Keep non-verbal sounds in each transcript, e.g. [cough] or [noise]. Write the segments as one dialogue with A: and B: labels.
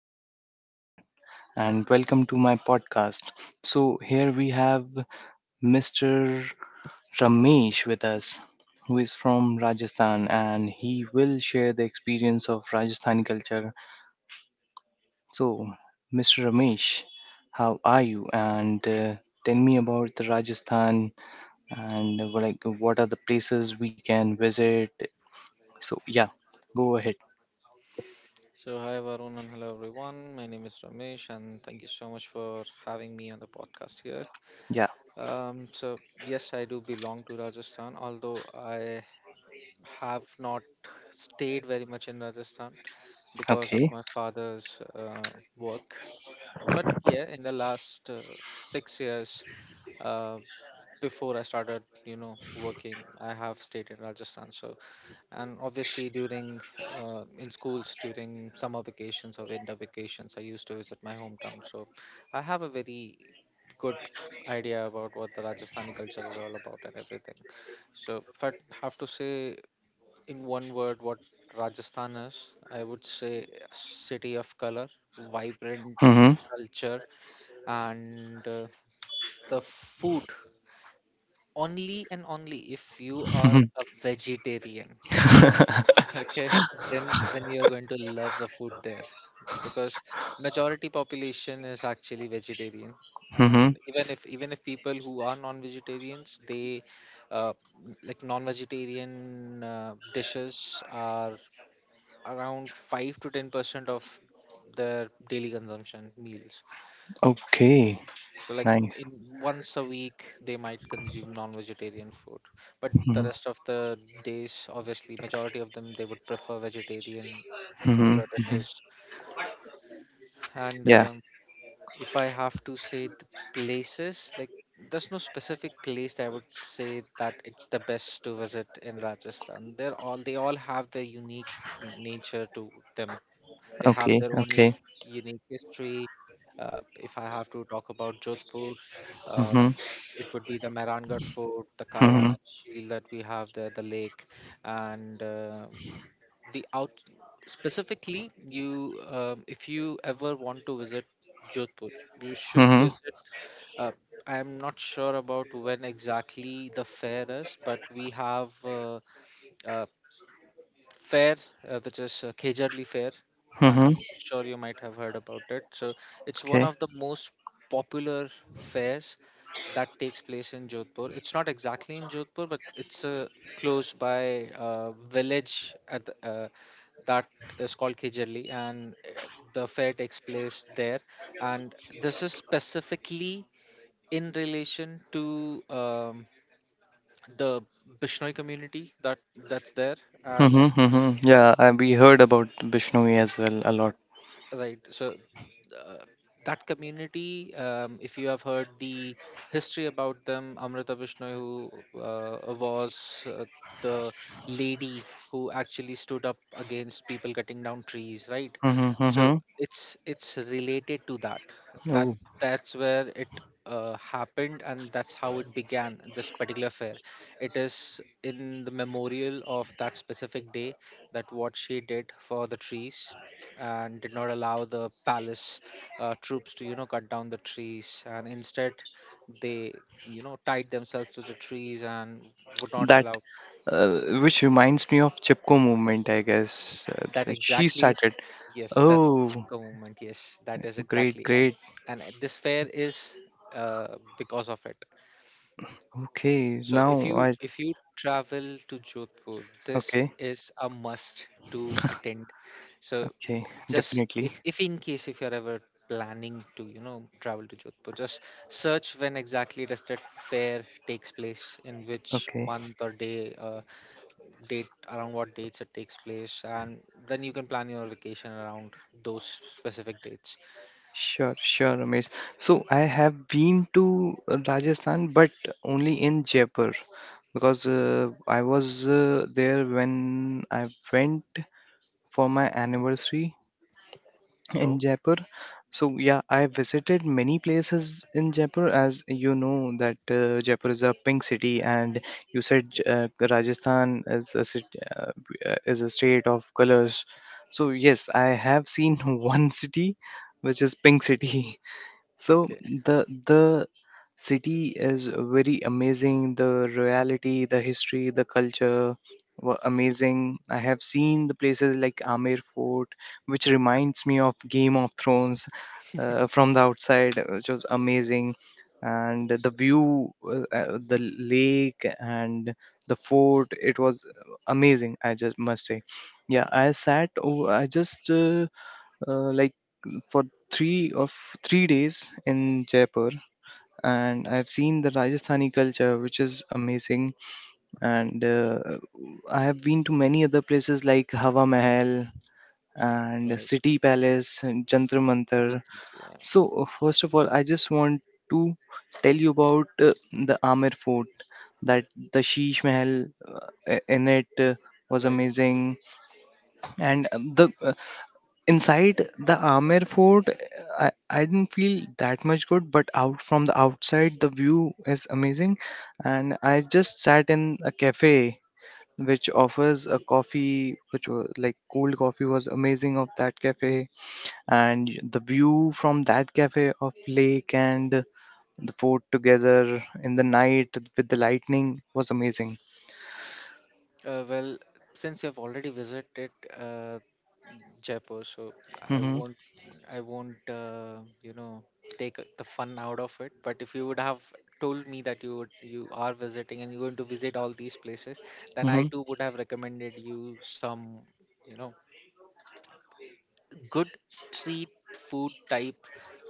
A: I am Varun and welcome to my podcast. So, here we have Mr. Ramesh with us who is from Rajasthan and he will share the experience of Rajasthani culture. So, Mr. Ramesh, how are you and tell me about the Rajasthan and like what are the places we can visit? So, yeah, go ahead.
B: So, hi Varun and hello everyone. My name is Ramesh and thank you so much for having me on the podcast here.
A: Yeah.
B: Yes, I do belong to Rajasthan, although I have not stayed very much in Rajasthan because of
A: Okay.
B: my father's work. But yeah, in the last 6 years, uh, before I started, working, I have stayed in Rajasthan. And obviously during in schools during summer vacations or winter vacations, I used to visit my hometown. So, I have a very good idea about what the Rajasthani culture is all about and everything. So, if I have to say in one word what Rajasthan is, I would say a city of color, vibrant
A: Mhm.
B: culture, and the food only and only if you are a vegetarian, okay, then you are going to love the food there because majority population is actually vegetarian,
A: Mhm.
B: and
A: [laughs]
B: even if people who are non-vegetarians, they uh, like non-vegetarian dishes are around 5 to 10% of their daily consumption meals.
A: Okay,
B: So, like,
A: nice.
B: in once a week they might consume non-vegetarian food, but the
A: Hmm.
B: rest of the days, obviously, majority of them, they would prefer vegetarian food
A: Hmm. Hmm.
B: or dishes. And
A: Yeah.
B: If I have to say the places, like, there's no specific place that I would say that it's the best to visit in Rajasthan. They all have their unique nature to them. They have
A: Okay.
B: their own
A: Okay.
B: unique history. If I have to talk about Jodhpur, uh,
A: Hmm.
B: it, it would be the Mehrangarh Fort, the
A: Hmm.
B: Kailana Shield that we have there, the lake, and the out. Specifically, you if you ever want to visit Jodhpur, you should
A: Hmm.
B: visit uh, I'm not sure about when exactly the fair is, but we have uh, fair, which is Khejarli fair.
A: Hmm.
B: I'm sure you might have heard about it. So it's one
A: Okay.
B: of the most popular fairs that takes place in Jodhpur. It's not exactly in Jodhpur, but it's a close by village that is called Khejarli, and the fair takes place there. And this is specifically in relation to the Bishnoi community that's there,
A: Hmm.
B: and
A: Hmm. Yeah, I, we heard about Bishnoi as well a lot.
B: right. So uh, that community, if you have heard the history about them, Amrita Bishnoi, who was the lady who actually stood up against people cutting down trees, right?
A: Hmm.
B: So
A: Hmm.
B: it's related to that. That
A: Oh,
B: that's where it happened, and that's how it began. This particular fair, it is in the memorial of that specific day, that what she did for the trees and did not allow the palace troops to, you know, cut down the trees, and instead they, you know, tied themselves to the trees and would not
A: that
B: allow
A: which reminds me of Chipko movement, I guess. Uh,
B: that,
A: the- she
B: exactly is,
A: started.
B: yes, that's the
A: Oh,
B: chipka movement, yes, that is
A: great,
B: exactly, and
A: great.
B: and uh, this fair is because of it. So
A: Okay,
B: if you
A: now
B: if
A: I.
B: you travel to Jodhpur, this
A: Okay,
B: is a must to attend. So,
A: okay,
B: just
A: definitely.
B: if in case if you're ever planning to, you know, travel to Jodhpur, just search when exactly does that fair takes place, in which
A: Okay.
B: month or day, date, around what dates it takes place, and then you can plan your vacation around those specific dates.
A: Sure, sure, Ramesh. So I have been to Rajasthan, but only in Jaipur because I was there when I went for my anniversary in
B: Oh,
A: Jaipur. So yeah, I visited many places in Jaipur, as you know that Jaipur is a pink city, and you said Rajasthan is a city, is a state of colors. So yes, I have seen [laughs] one city, which is pink city.
B: [laughs]
A: So
B: okay,
A: the city is very amazing. The reality, the history, the culture were amazing. I have seen the places like Amir Fort, which reminds me of Game of Thrones from the outside, which was amazing. And the view, the lake, and the fort, it was amazing. I just must say, yeah. I sat, over, I just. Like for three or 3 days in Jaipur, and I've seen the Rajasthani culture, which is amazing. And I have been to many other places like Hawa Mahal and
B: right,
A: City Palace and Jantar Mantar.
B: month, out, yeah,
A: So first of all, I just want to tell you about the Amir Fort. That the Sheesh Mahal in it was
B: right.
A: amazing, and the inside the Amer Fort, I didn't feel that much good, but out from the outside, the view is amazing. And I just sat in a cafe which offers a coffee, which was like cold coffee was amazing of that cafe. And the view from that cafe of lake and the fort together in the night with the lightning was amazing.
B: Well, since you've already visited uh, Jaipur, so I
A: Hmm.
B: won't, I won't, you know, take the fun out of it. But if you would have told me that you are visiting and you're going to visit all these places, then I
A: Hmm.
B: too would have recommended you some, you know, good street food type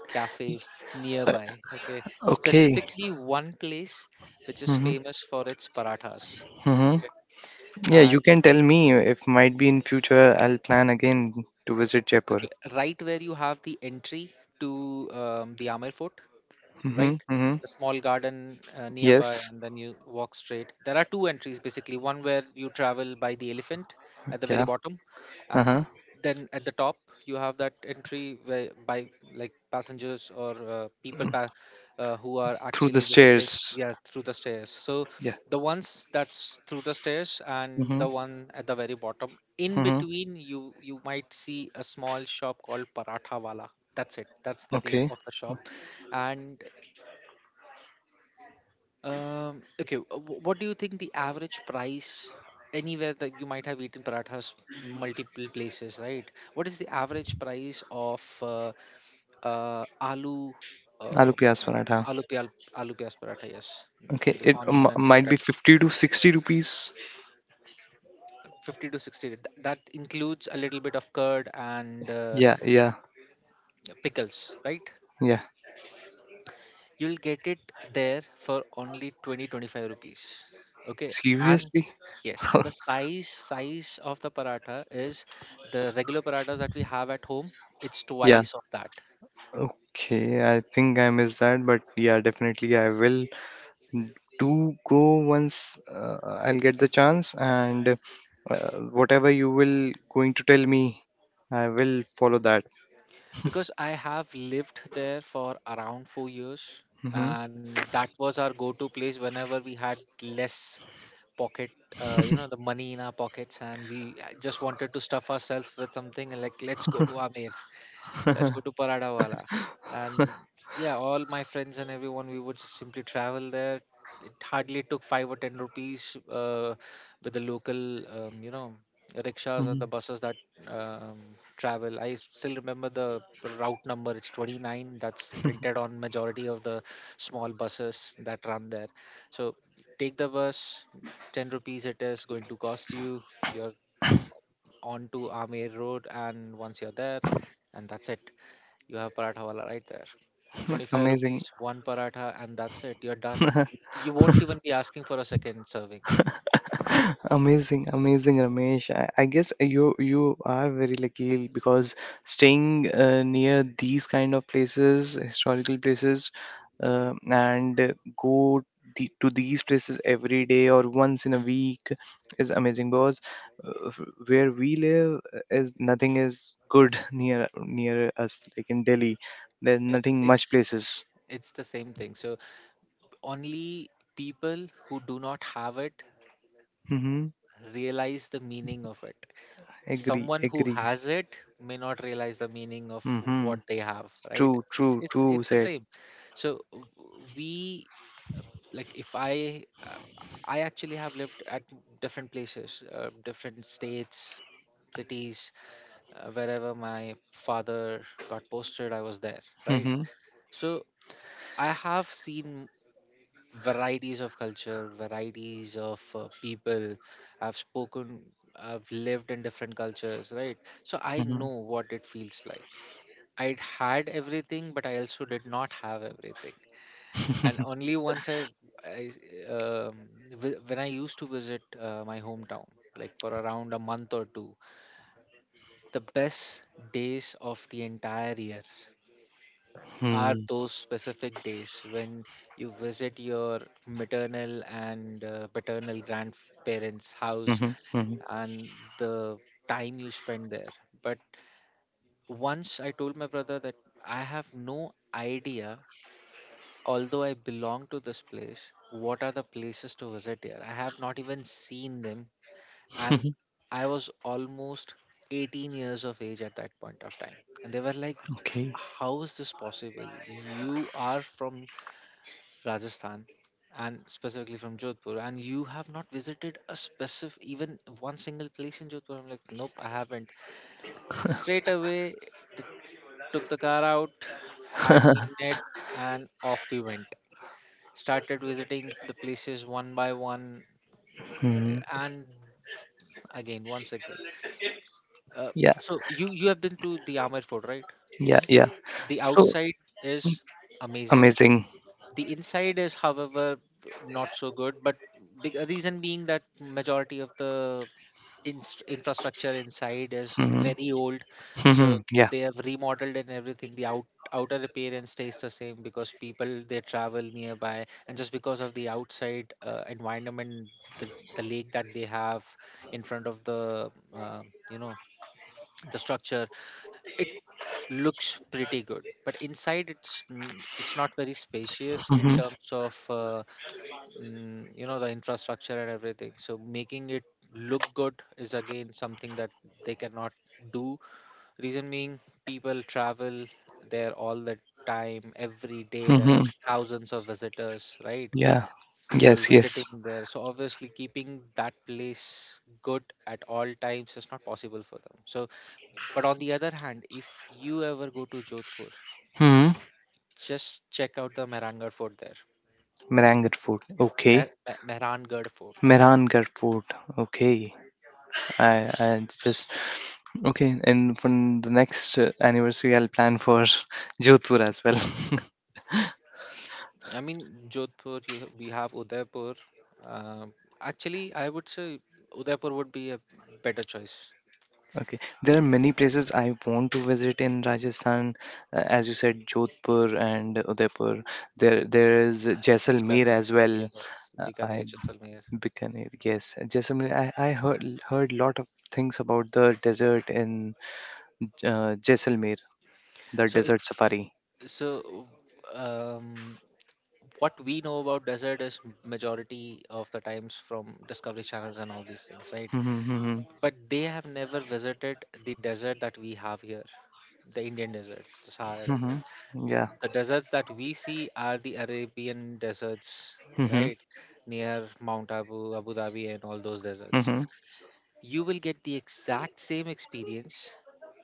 B: cafes nearby. Okay,
A: Okay.
B: specifically one place which is
A: Hmm.
B: famous for its parathas.
A: Hmm.
B: Okay,
A: Yeah, you
B: and.
A: can tell me if might be in future I'll plan again to visit
B: Okay,
A: Jaipur.
B: right where you have the entry to the Amer Fort,
A: Hmm.
B: right?
A: Hmm.
B: The small garden nearby,
A: Yes.
B: and then you walk straight. There are two entries, basically: one where you travel by the elephant at the very
A: Yeah.
B: bottom, and
A: Uh-huh.
B: then at the top, you have that entry where, by like passengers or people who are
A: Through the
B: actually visiting,
A: stairs.
B: yeah, through the stairs. So
A: Yeah.
B: the ones that's through the stairs and
A: Hmm.
B: the one at the very bottom. In
A: Hmm.
B: between, you might see a small shop called Paratha Wala. That's it. That's the name
A: Okay.
B: of the shop. And okay, what do you think the average price anywhere that you might have eaten parathas, multiple places, right? What is the average price of aloo, uh,
A: Aloo pyaz paratha.
B: aloo pyal, aloo pyas paratha? Yes. Mm,
A: Okay,
B: the
A: it
B: onion and
A: might be
B: potato,
A: 50 to 60 rupees.
B: 50 to 60. That includes a little bit of curd and
A: Yeah, yeah,
B: pickles, right?
A: yeah.
B: You'll get it there for only 20-25 rupees. Okay. And
A: Seriously?
B: yes, and
A: [laughs]
B: the size of the paratha is the regular parathas that we have at home, it's
A: Yeah.
B: twice of that.
A: Okay, I think I missed that, but yeah, definitely I will do go once I'll get the chance and whatever you will going to tell me, I will follow that.
B: Because I have lived there for around 4 years,
A: Hmm.
B: and that was our go-to place whenever we had less pocket you know, the money in our pockets, and we just wanted to stuff ourselves with something, and like, let's go to Amer, let's go to Parada Wala. And yeah, all my friends and everyone, we would simply travel there. It hardly took 5 or 10 rupees with the local, you know, rickshaws and the
A: [laughs]
B: buses that um, travel. I still remember the route number. It's 29. That's printed on majority of the small buses that run there. So take the bus. 10 rupees it is going to cost you. You're on to Amer Road, and once you're there, and that's it, you have paratha wala right there. 25
A: Amazing.
B: rupees, one paratha, and that's it. You're done.
A: [laughs]
B: You won't even be asking for a second serving.
A: [laughs] Amazing, amazing, Ramesh. I guess you are very lucky because staying near these kind of places, historical places, and go to these places every day or once in a week is amazing because uh, f- where we live is nothing is good [laughs] near us, like in Delhi. There's
B: It-
A: nothing
B: It's
A: much places.
B: it's the same thing. So only people who do not have it
A: Mm-hmm.
B: realize the meaning of it.
A: Agree,
B: Someone who
A: agree.
B: has it may not realize the meaning of
A: Mm-hmm.
B: what they have, right?
A: True,
B: it's
A: true,
B: it's
A: true.
B: it's the
A: Said.
B: same. So we uh, like if I I actually have lived at different places, different states, cities, wherever my father got posted, I was there, right?
A: Mm-hmm.
B: So I have seen varieties of culture, varieties of people. I've spoken, I've lived in different cultures, right? So I
A: Mm-hmm.
B: know what it feels like. I'd had everything, but I also did not have everything. And only once I um, vi- when I used to visit my hometown, like for around a month or two, the best days of the entire year are
A: Hmm.
B: those specific days when you visit your maternal and paternal grandparents' house
A: Mhm. Mhm.
B: and the time you spend there. But once I told my brother that I have no idea, although I belong to this place, what are the places to visit here? I have not even seen them. And
A: Mhm.
B: I was almost 18 years of age at that point of time. And they were like,
A: Okay.
B: how is this possible? You are from Rajasthan and specifically from Jodhpur, and you have not visited a specific, even one single place in Jodhpur. I'm like, nope, I haven't. Straight away, t- took the car out, had me in
A: [laughs]
B: it, and off we went. Started visiting the places one by one,
A: Mhm.
B: and again, once again. Uh,
A: Yeah.
B: so you have been to the Amir Fort, right?
A: Yeah. Yeah.
B: The
A: So
B: outside is amazing.
A: amazing.
B: The inside is, however, not so good, but big a reason being that majority of the infrastructure inside is
A: Mhm.
B: very old, so
A: Mhm. Yeah.
B: they have remodeled and everything. The outer appearance stays the same because people, they travel nearby, and just because of the outside environment, the lake that they have in front of the the structure, it looks pretty good, but inside it's it's not very spacious in
A: Mhm.
B: terms of you know, the infrastructure and everything. So making it look good is again something that they cannot do. Reason being, people travel there all the time, every day. There
A: Mhm.
B: are thousands of visitors, right?
A: Yeah.
B: People
A: Yes. Yes.
B: visiting there. So obviously, keeping that place good at all times is not possible for them. So but on the other hand, if you ever go to Jodhpur,
A: Hmm.
B: just check out the Mehrangarh Fort there.
A: Merangar food. Okay.
B: Mehrangarh Fort.
A: Merangar food. Okay. I. I just. Okay. And from the next anniversary, I'll plan for [laughs] Jodhpur as well. [laughs]
B: I mean, Jodhpur, we have Udaipur. Uh, actually, I would say Udaipur would be a better choice.
A: Okay, there are many places I want to visit in Rajasthan, as you said, Jodhpur and Udaipur. There is Jaisalmer
B: Bikaner,
A: as well.
B: yes, Bikaner,
A: I
B: Jaisalmer.
A: Bikaner, yes, Jaisalmer. I heard lot of things about the desert in Jaisalmer, the
B: So,
A: desert
B: if,
A: safari.
B: so um, what we know about desert is majority of the times from Discovery Channels and all these things, right?
A: Mm-hmm.
B: But they have never visited the desert that we have here. The Indian desert, the Sahara
A: Hmm.
B: desert.
A: Hmm. Yeah.
B: The deserts that we see are the Arabian deserts,
A: Mm-hmm,
B: right? Near Mount Abu, Abu Dhabi, and all those deserts.
A: mm-hmm.
B: You will get the exact same experience,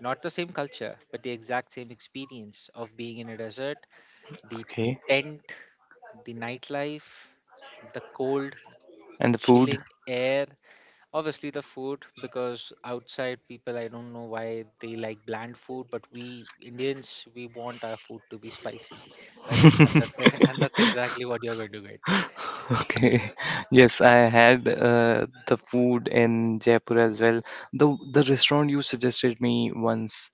B: not the same culture, but the exact same experience of being in a desert. The
A: Okay,
B: tent, the nightlife, the cold,
A: and the food.
B: chilling air. Obviously, the food, because outside people, I don't know why they like bland food, but we Indians, we want our food to be spicy, right? And that's
A: [laughs]
B: [laughs] and that's exactly what you're going to get.
A: Okay. [laughs] Yes, I had the food in Jaipur as well. The the restaurant you suggested me once,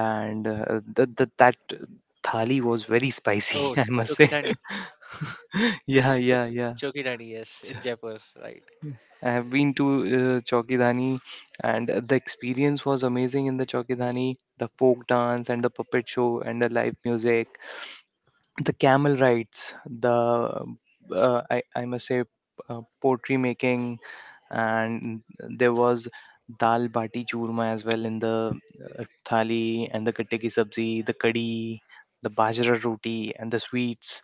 A: and the that thali was very spicy,
B: Oh,
A: [laughs] I must say.
B: Chokitani,
A: [laughs]
B: Chok
A: Yeah,
B: Chok
A: yeah, yeah.
B: Chokitani, yes,
A: Ch-
B: in Jaipur, right?
A: I have been to Chowkidhani, and the experience was amazing in the Chowkidhani. The folk dance and the puppet show and the live music, the camel rides, the, I must say, uh, pottery making. And there was dal bati churma as well in the thali, and the gatte ki sabzi, the kadi, the bajra roti, and the sweets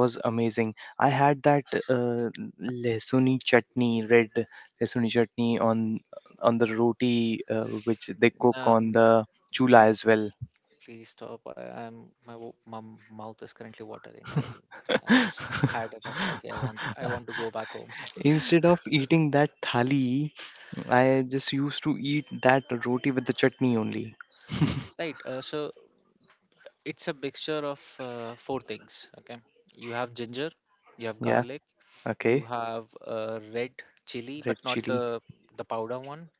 A: was amazing. I had that uh, lesuni chutney, red lesuni chutney, on the roti, which they cook on
B: Um,
A: the chula
B: please,
A: as well.
B: please stop. I, I'm my wo- my mouth is currently watering. I just had a nostalgia. I want to
A: [laughs]
B: go back home.
A: Instead of eating that thali, I just used to eat that roti with the chutney only.
B: Right. So it's a mixture of four things. Okay, you have ginger, you have
A: Yeah.
B: garlic, you
A: Okay.
B: have red chili,
A: Red
B: but not
A: chili.
B: the the powder one,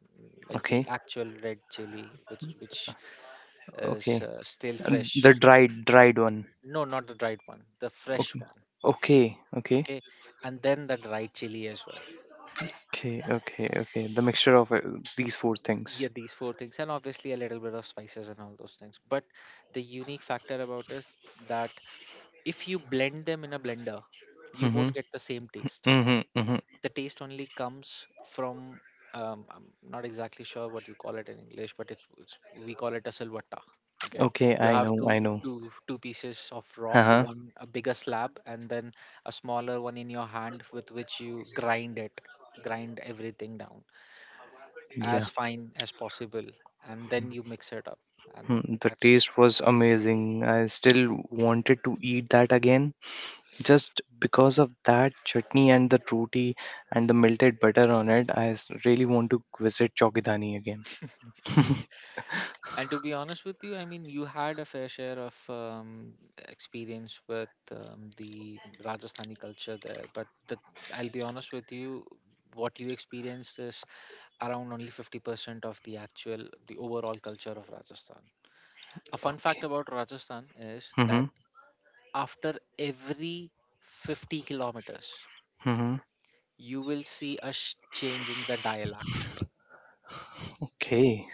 B: like the
A: Okay.
B: actual red chili, which is
A: Okay.
B: still
A: And the
B: fresh.
A: dried one.
B: No, not the dried one, the fresh
A: Okay.
B: one.
A: Okay. Okay.
B: Okay, and then the dried chili as well.
A: Okay. Okay. Okay. The mixture of these four
B: Yeah,
A: things.
B: these four things, and obviously a little bit of spices and all those things. But the unique factor about is that if you blend them in a blender, you
A: Mm-hmm.
B: won't get the same taste.
A: Mm-hmm. Mm-hmm.
B: The taste only comes from I'm not exactly sure what you call it in English, but it's we call it a silvatta. Okay,
A: Okay.
B: you
A: I
B: have
A: know.
B: two
A: I know.
B: two two pieces of rock,
A: Uh-huh.
B: one a bigger slab, and then a smaller one in your hand with which you grind it, grind everything down
A: Yeah.
B: as fine as possible, and then you mix it up, and
A: Hmm, the
B: that's.
A: taste was amazing. I still wanted to eat that again. Just because of that chutney and the roti and the melted butter on it, I really want to visit Chowkidhani again.
B: And to be honest with you, I mean, you had a fair share of experience with the Rajasthani culture there, but I'll be honest with you, what you experienced is around only 50% of the actual, the overall culture of Rajasthan. A fun fact
A: Okay.
B: about Rajasthan is that
A: Mm-hmm.
B: after every 50 kilometers,
A: Mm-hmm.
B: you will see a change in the dialect.
A: Okay.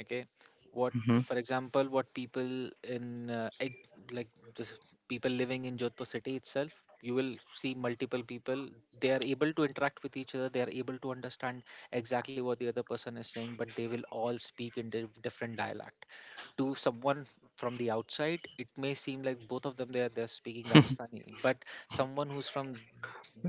B: Okay, what,
A: Hmm.
B: for example, what people in it, like just people living in Jodhpur city itself, you will see multiple people. They are able to interact with each other. They are able to understand exactly what the other person is saying, but they will all speak in different dialect. To someone from the outside, it may seem like both of them, they're speaking Rajasthani, but someone who's from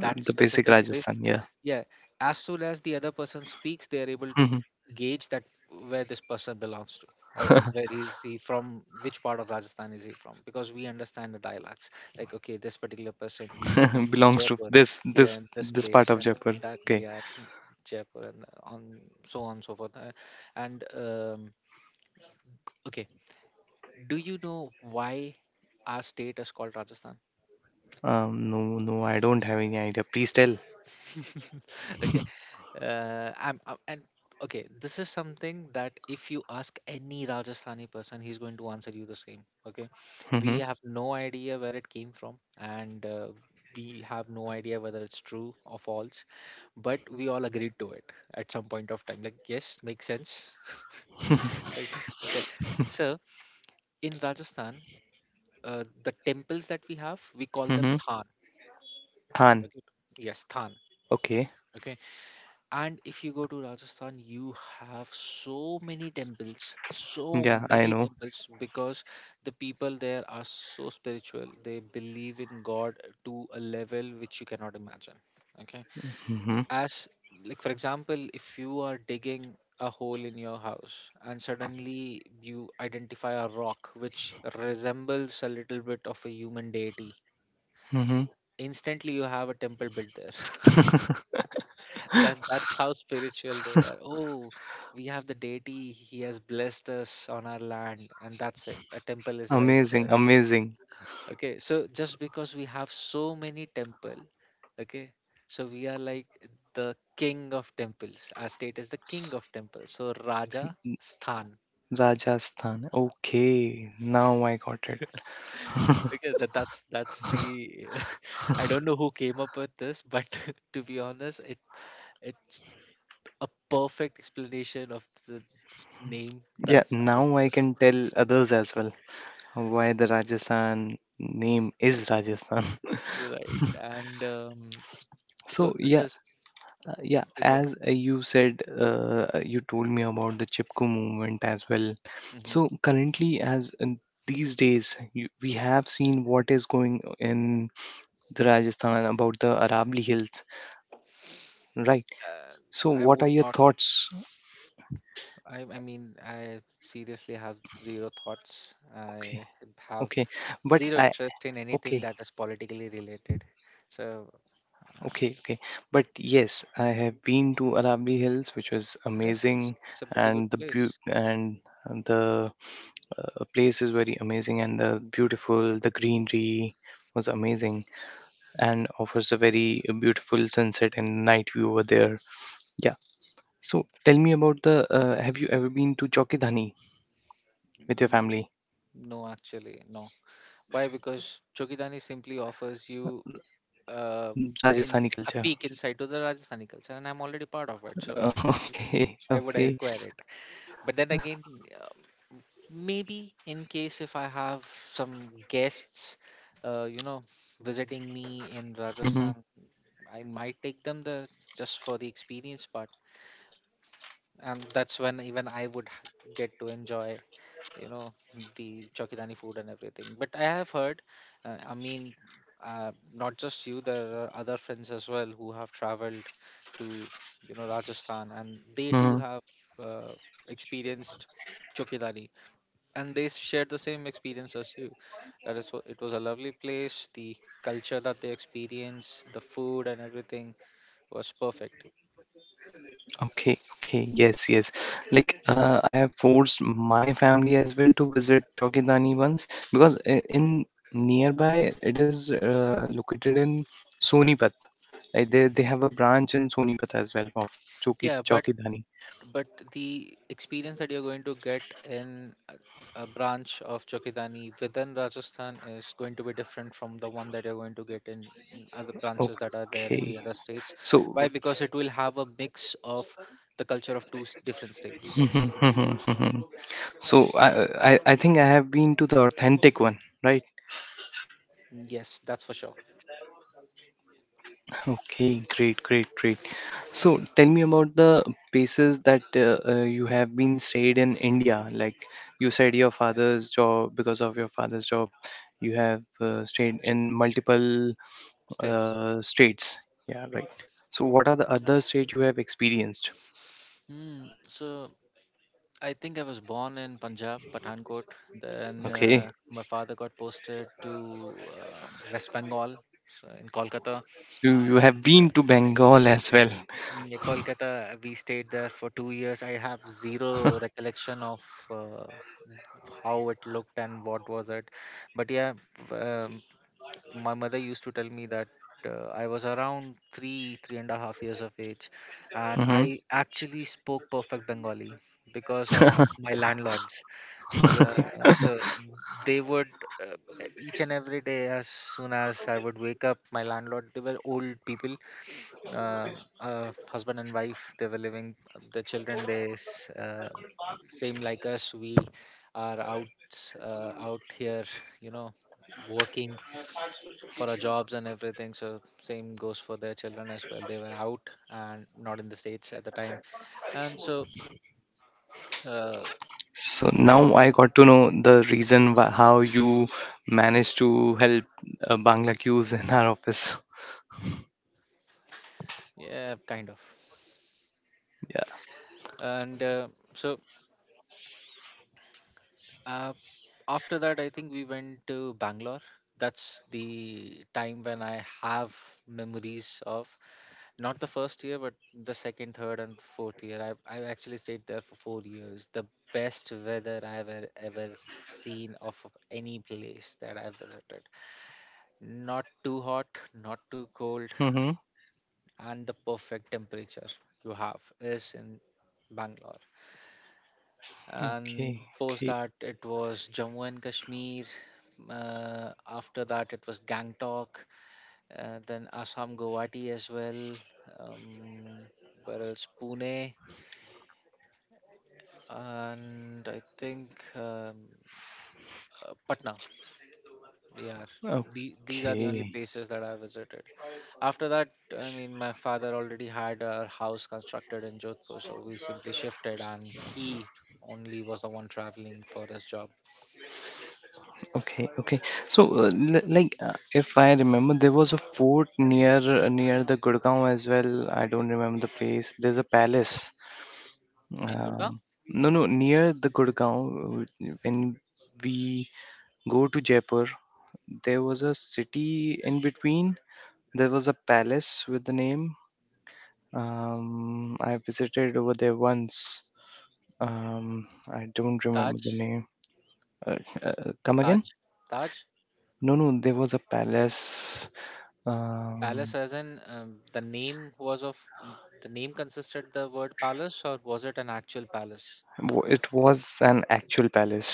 B: that
A: basic
B: specific place,
A: Rajasthan, yeah.
B: yeah, as soon as the other person speaks, they are able to
A: Mhm.
B: gauge that where this person belongs to, or where is he from, which part of Rajasthan is he from, because we understand the dialects, like okay, this particular person, he's from
A: [laughs] Belongs to
B: Jaipur,
A: this
B: yeah,
A: this
B: and this
A: this part
B: place
A: of
B: and
A: Jaipur.
B: that,
A: Okay.
B: yeah, Jaipur and on, so on so forth. And okay, do you know why our state is called Rajasthan?
A: No, no, I don't have any idea. Please tell.
B: [laughs] Okay, I'm and okay, this is something that if you ask any Rajasthani person, he's going to answer you the same. Okay, we
A: Mm-hmm.
B: have no idea where it came from, and we have no idea whether it's true or false, but we all agreed to it at some point of time, like yes, makes sense. [laughs] Okay, okay, so in Rajasthan, the temples that we have, we call them
A: Mm-hmm.
B: than.
A: Than.
B: Okay, yes, than.
A: Okay.
B: Okay. And if you go to Rajasthan, you have so many temples, so
A: Yeah, I
B: many
A: know.
B: temples, because the people there are so spiritual. They believe in God to a level which you cannot imagine. Okay.
A: Mm-hmm.
B: As, like, for example, if you are digging a hole in your house and suddenly you identify a rock which resembles a little bit of a human deity,
A: Mm-hmm.
B: instantly you have a temple built there. [laughs] Then that's how spiritual they are. Oh, we have the deity. He has blessed us on our land, and that's it. A temple is right there.
A: Amazing, amazing.
B: Okay, so just because we have so many temple, okay, so we are like the king of temples. Our state is the king of temples. So Raja Sthan.
A: Rajasthan. Okay. Now I got it.
B: Okay, that's the. [laughs] I don't know who came up with this, but [laughs] to be honest, it's a perfect explanation of the name.
A: Yeah,
B: That's just.
A: now I can tell others as well why the Rajasthan name is Rajasthan. [laughs]
B: Right. And
A: So
B: so this
A: yeah,
B: is, yeah,
A: Yeah,
B: please go on.
A: as you said, you told me about the Chipko movement as well.
B: Hmm.
A: So currently, as in these days, we have seen what is going in the Rajasthan about the Arabli Hills, right?
B: Um,
A: So
B: I
A: what are
B: would
A: your
B: not.
A: thoughts?
B: I mean, I seriously have zero thoughts.
A: Okay,
B: I have
A: okay, but
B: zero
A: I
B: interest in anything
A: okay.
B: that is politically related. So uh,
A: Okay, okay. But yes, I have been to Arabli Hills, which was
B: yes, it's
A: amazing,
B: a pretty good
A: and the beau-
B: place.
A: and and the uh, place is very amazing, and the greenery was amazing, and offers a very beautiful sunset and night view over there. Yeah. So tell me about the, Have you ever been to Chokidhani with your
B: Mm.
A: family?
B: No, actually, no. Why? Because Chokidani simply offers you uh,
A: Rajasthani
B: in,
A: culture.
B: a peek insight to the Rajasthani culture, and I'm already part of it. So
A: [laughs] Okay,
B: why would
A: okay.
B: I require it? But then again, um, maybe in case if I have some guests, you know, visiting me in
A: Hmm.
B: Rajasthan, I might take them there just for the experience part. And that's when even I would get to enjoy, you know, the Chokidani food and everything. But I have heard, uh, I mean, not just you, there are other friends as well who have traveled to, you know, Rajasthan, and they too have uh, experienced Chokidani, and they shared the same experience as you. That is, it was a lovely place. The culture that they experienced, the food and everything was perfect.
A: Okay, okay, yes, yes. Like, I have forced my family as well to visit Chowkidani once because in nearby it is located in Sonipat. Like they have a branch in Sonipat as well of Chowki
B: Yeah, but
A: Chowkidani.
B: but the experience that you're going to get in a branch of Chokidani within Rajasthan is going to be different from the one that you're going to get in other branches that are there in
A: Okay,
B: the other states.
A: so
B: Why? Because it will have a mix of the culture of different states. It's it.
A: [laughs] so I I think I have been to the authentic one, right?
B: Yes, that's for sure.
A: Okay, great, great, great. So tell me about the places that you have been stayed in India. Like you said, your father's job, because of your father's job, you have stayed in multiple
B: States.
A: states. Yeah, right. So what are the other states you have experienced?
B: Mm, so I think I was born in Punjab, Pathankot. Then
A: Okay.
B: my father got posted to West Bengal, so in Kolkata.
A: So you have
B: Uh,
A: been to Bengal as well.
B: yeah, Kolkata, we stayed there for 2 years. I have zero recollection of uh, how it looked and what was it. But yeah, um, my mother used to tell me that I was around three and a half years of age, and
A: Mm-hmm.
B: I actually spoke perfect Bengali because of
A: [laughs]
B: my landlords. Because, so they would uh, each and every day, as soon as I would wake up, my landlord, they were old people, husband and wife. They were living the children. Same like us. We are out out here, you know, working for our jobs and everything. So same goes for their children as well. They were out and not in the states at the time, and so uh,
A: So
B: I don't.
A: now I got to know the reason why, how you managed to help Bangla queues in our office.
B: Yeah, kind of.
A: Yeah.
B: And so uh, after that, I think we went to Bangalore. That's the time when I have memories of not the first year, but the second, third, and fourth year. I've actually stayed there for 4 years. The best weather I've ever seen of any place that I've visited. Not too hot, not too cold,
A: Mm-hmm.
B: and the perfect temperature you have is in Bangalore.
A: Okay.
B: And post
A: Okay.
B: that it was Jammu and Kashmir. After that, it was Gangtok, then Assam, Guwahati as well. Um, where else? Pune, and I think Patna. Yeah, these are the only
A: Okay.
B: places that I visited. After that, I mean, my father already had a house constructed in Jodhpur, so we simply shifted, and he only was the one traveling for his job
A: Okay. Okay. So, like, if I remember, there was a fort near near the Gurgaon as well. I don't remember the place. There's a palace.
B: in Gurgaon,
A: Um, no, no, near the Gurgaon. When we go to Jaipur, there was a city in between. There was a palace with the name. I visited over there once. I don't remember
B: Taj.
A: the name. Come again?
B: Taj, Taj
A: No, no, there was a palace.
B: Palace,
A: Um,
B: as in the name was of, the name consisted the word palace, or was it an actual palace?
A: it was an actual palace.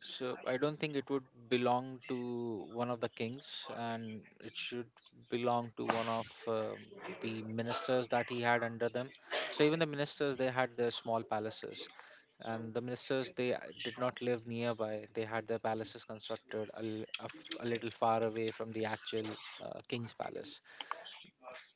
B: So I don't think it would belong to one of the kings, and it should belong to one of the ministers that he had under them. So even the ministers, they had their small palaces, and the ministers, they did not live nearby. They had their palaces constructed a, li- a f- a little far away from the actual king's palace.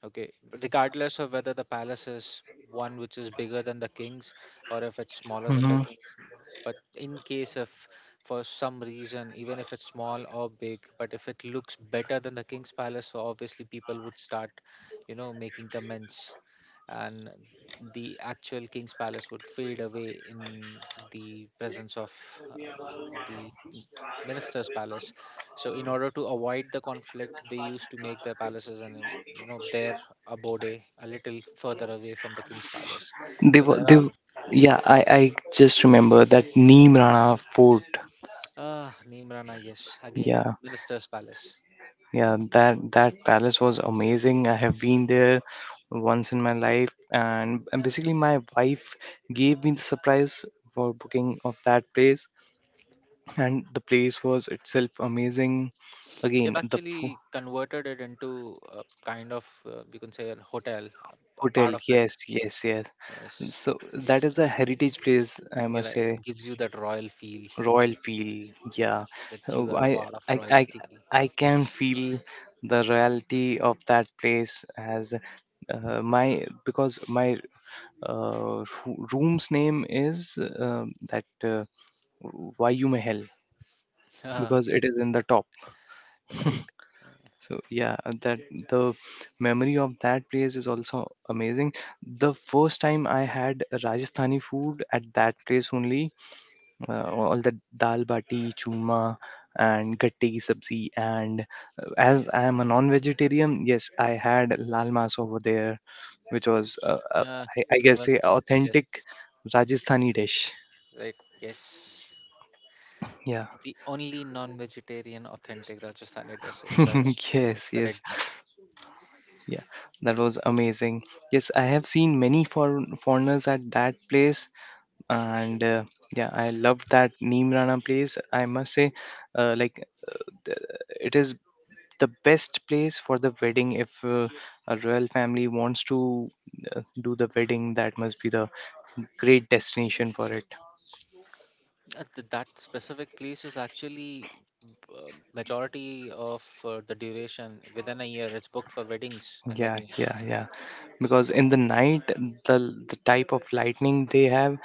B: Okay, regardless of whether the palace is one which is bigger than the king's or if it's smaller than the
A: Hmm.
B: king's, but in case if for some reason, even if it's small or big, but if it looks better than the king's palace, so obviously people would start, you know, making comments, and the actual king's palace would fade away in the presence of um, the minister's palace, so in order to avoid the conflict, they used to make their palaces and you know, their abode a little further away from the king's palace.
A: They
B: So
A: were,
B: there
A: they,
B: are
A: w- Yeah, I just remember that Neem Rana Fort.
B: ah Nimrana, yes, again
A: Yeah.
B: minister's palace.
A: Yeah, that palace was amazing. I have been there once in my life, and basically my wife gave me the surprise for booking of that place, and the place was itself amazing.
B: They've
A: Again,
B: actually converted it into a kind of you can say a hotel, a part
A: hotel,
B: of it.
A: yes, yes, yes.
B: Yes,
A: So that is a heritage place, I
B: you're
A: must
B: right.
A: say.
B: It gives you that royal feel.
A: Royal feel,
B: Yeah,
A: yeah. So
B: that you are part of
A: I I
B: royalty.
A: I can feel the royalty of that place as my because my room's name is that Vayume Hell.
B: [laughs]
A: [laughs]
B: Right.
A: Because it is in the top. So yeah, that the memory of that place is also amazing. The first time I had Rajasthani food at that place only, all the dal bati, churma, and gatte ki sabzi. And as I am a non-vegetarian, yes, I had lal mas over there, which was
B: Uh,
A: I guess
B: famous.
A: a
B: Yes.
A: authentic Rajasthani dish.
B: Right. Yes.
A: Yeah.
B: The only non-vegetarian authentic Rajasthani dish
A: [laughs]
B: is
A: Yes,
B: the red
A: yes.
B: meat.
A: Yeah. That was amazing. Yes, I have seen many foreigners at that place, and yeah, I loved that Neem place. I must say, like, th- it is the best place for the wedding if a royal family wants to do the wedding. That must be the great destination for it.
B: That specific place is actually majority of the duration within a year. It's booked for weddings and
A: Yeah,
B: venues.
A: yeah, yeah. Because in the night, the the type of lightning they have,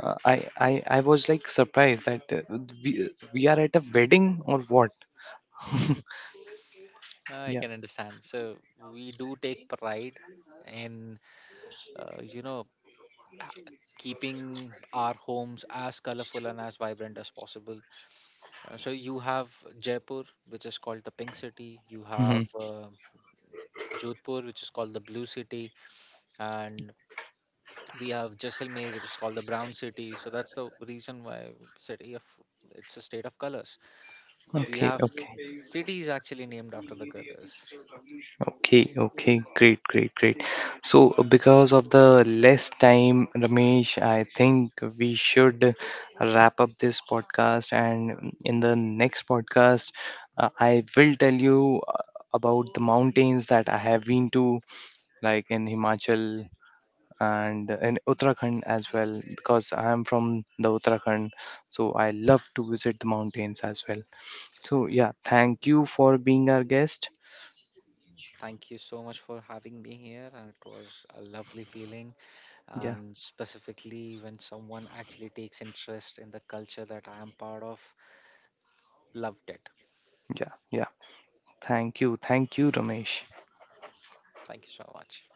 A: I was like surprised that we are at a wedding or what?
B: I
A: Yeah.
B: can understand. So we do take pride in you know, h- keeping our homes as colorful and as vibrant as possible. So you have Jaipur, which is called the Pink City. You
A: Hmm.
B: have Jodhpur, which is called the Blue City, and we have Jaisalmer, which is called the Brown City. So that's the reason why, city of it's a state of colors. We
A: Okay,
B: have
A: okay,
B: cities actually named after the colors.
A: okay, okay. Great, great, great. So because of the less time, Ramesh, I think we should wrap up this podcast. And in the next podcast, I will tell you about the mountains that I have been to like in Himachal and in Uttarakhand as well, because I am from the Uttarakhand, so I love to visit the mountains as well. So yeah, thank you for being our guest.
B: Thank you so much for having me here, and it was a lovely feeling.
A: Yeah,
B: And specifically, when someone actually takes interest in the culture that I am part of, loved it.
A: yeah, yeah. Thank you, Ramesh.
B: Thank you so much.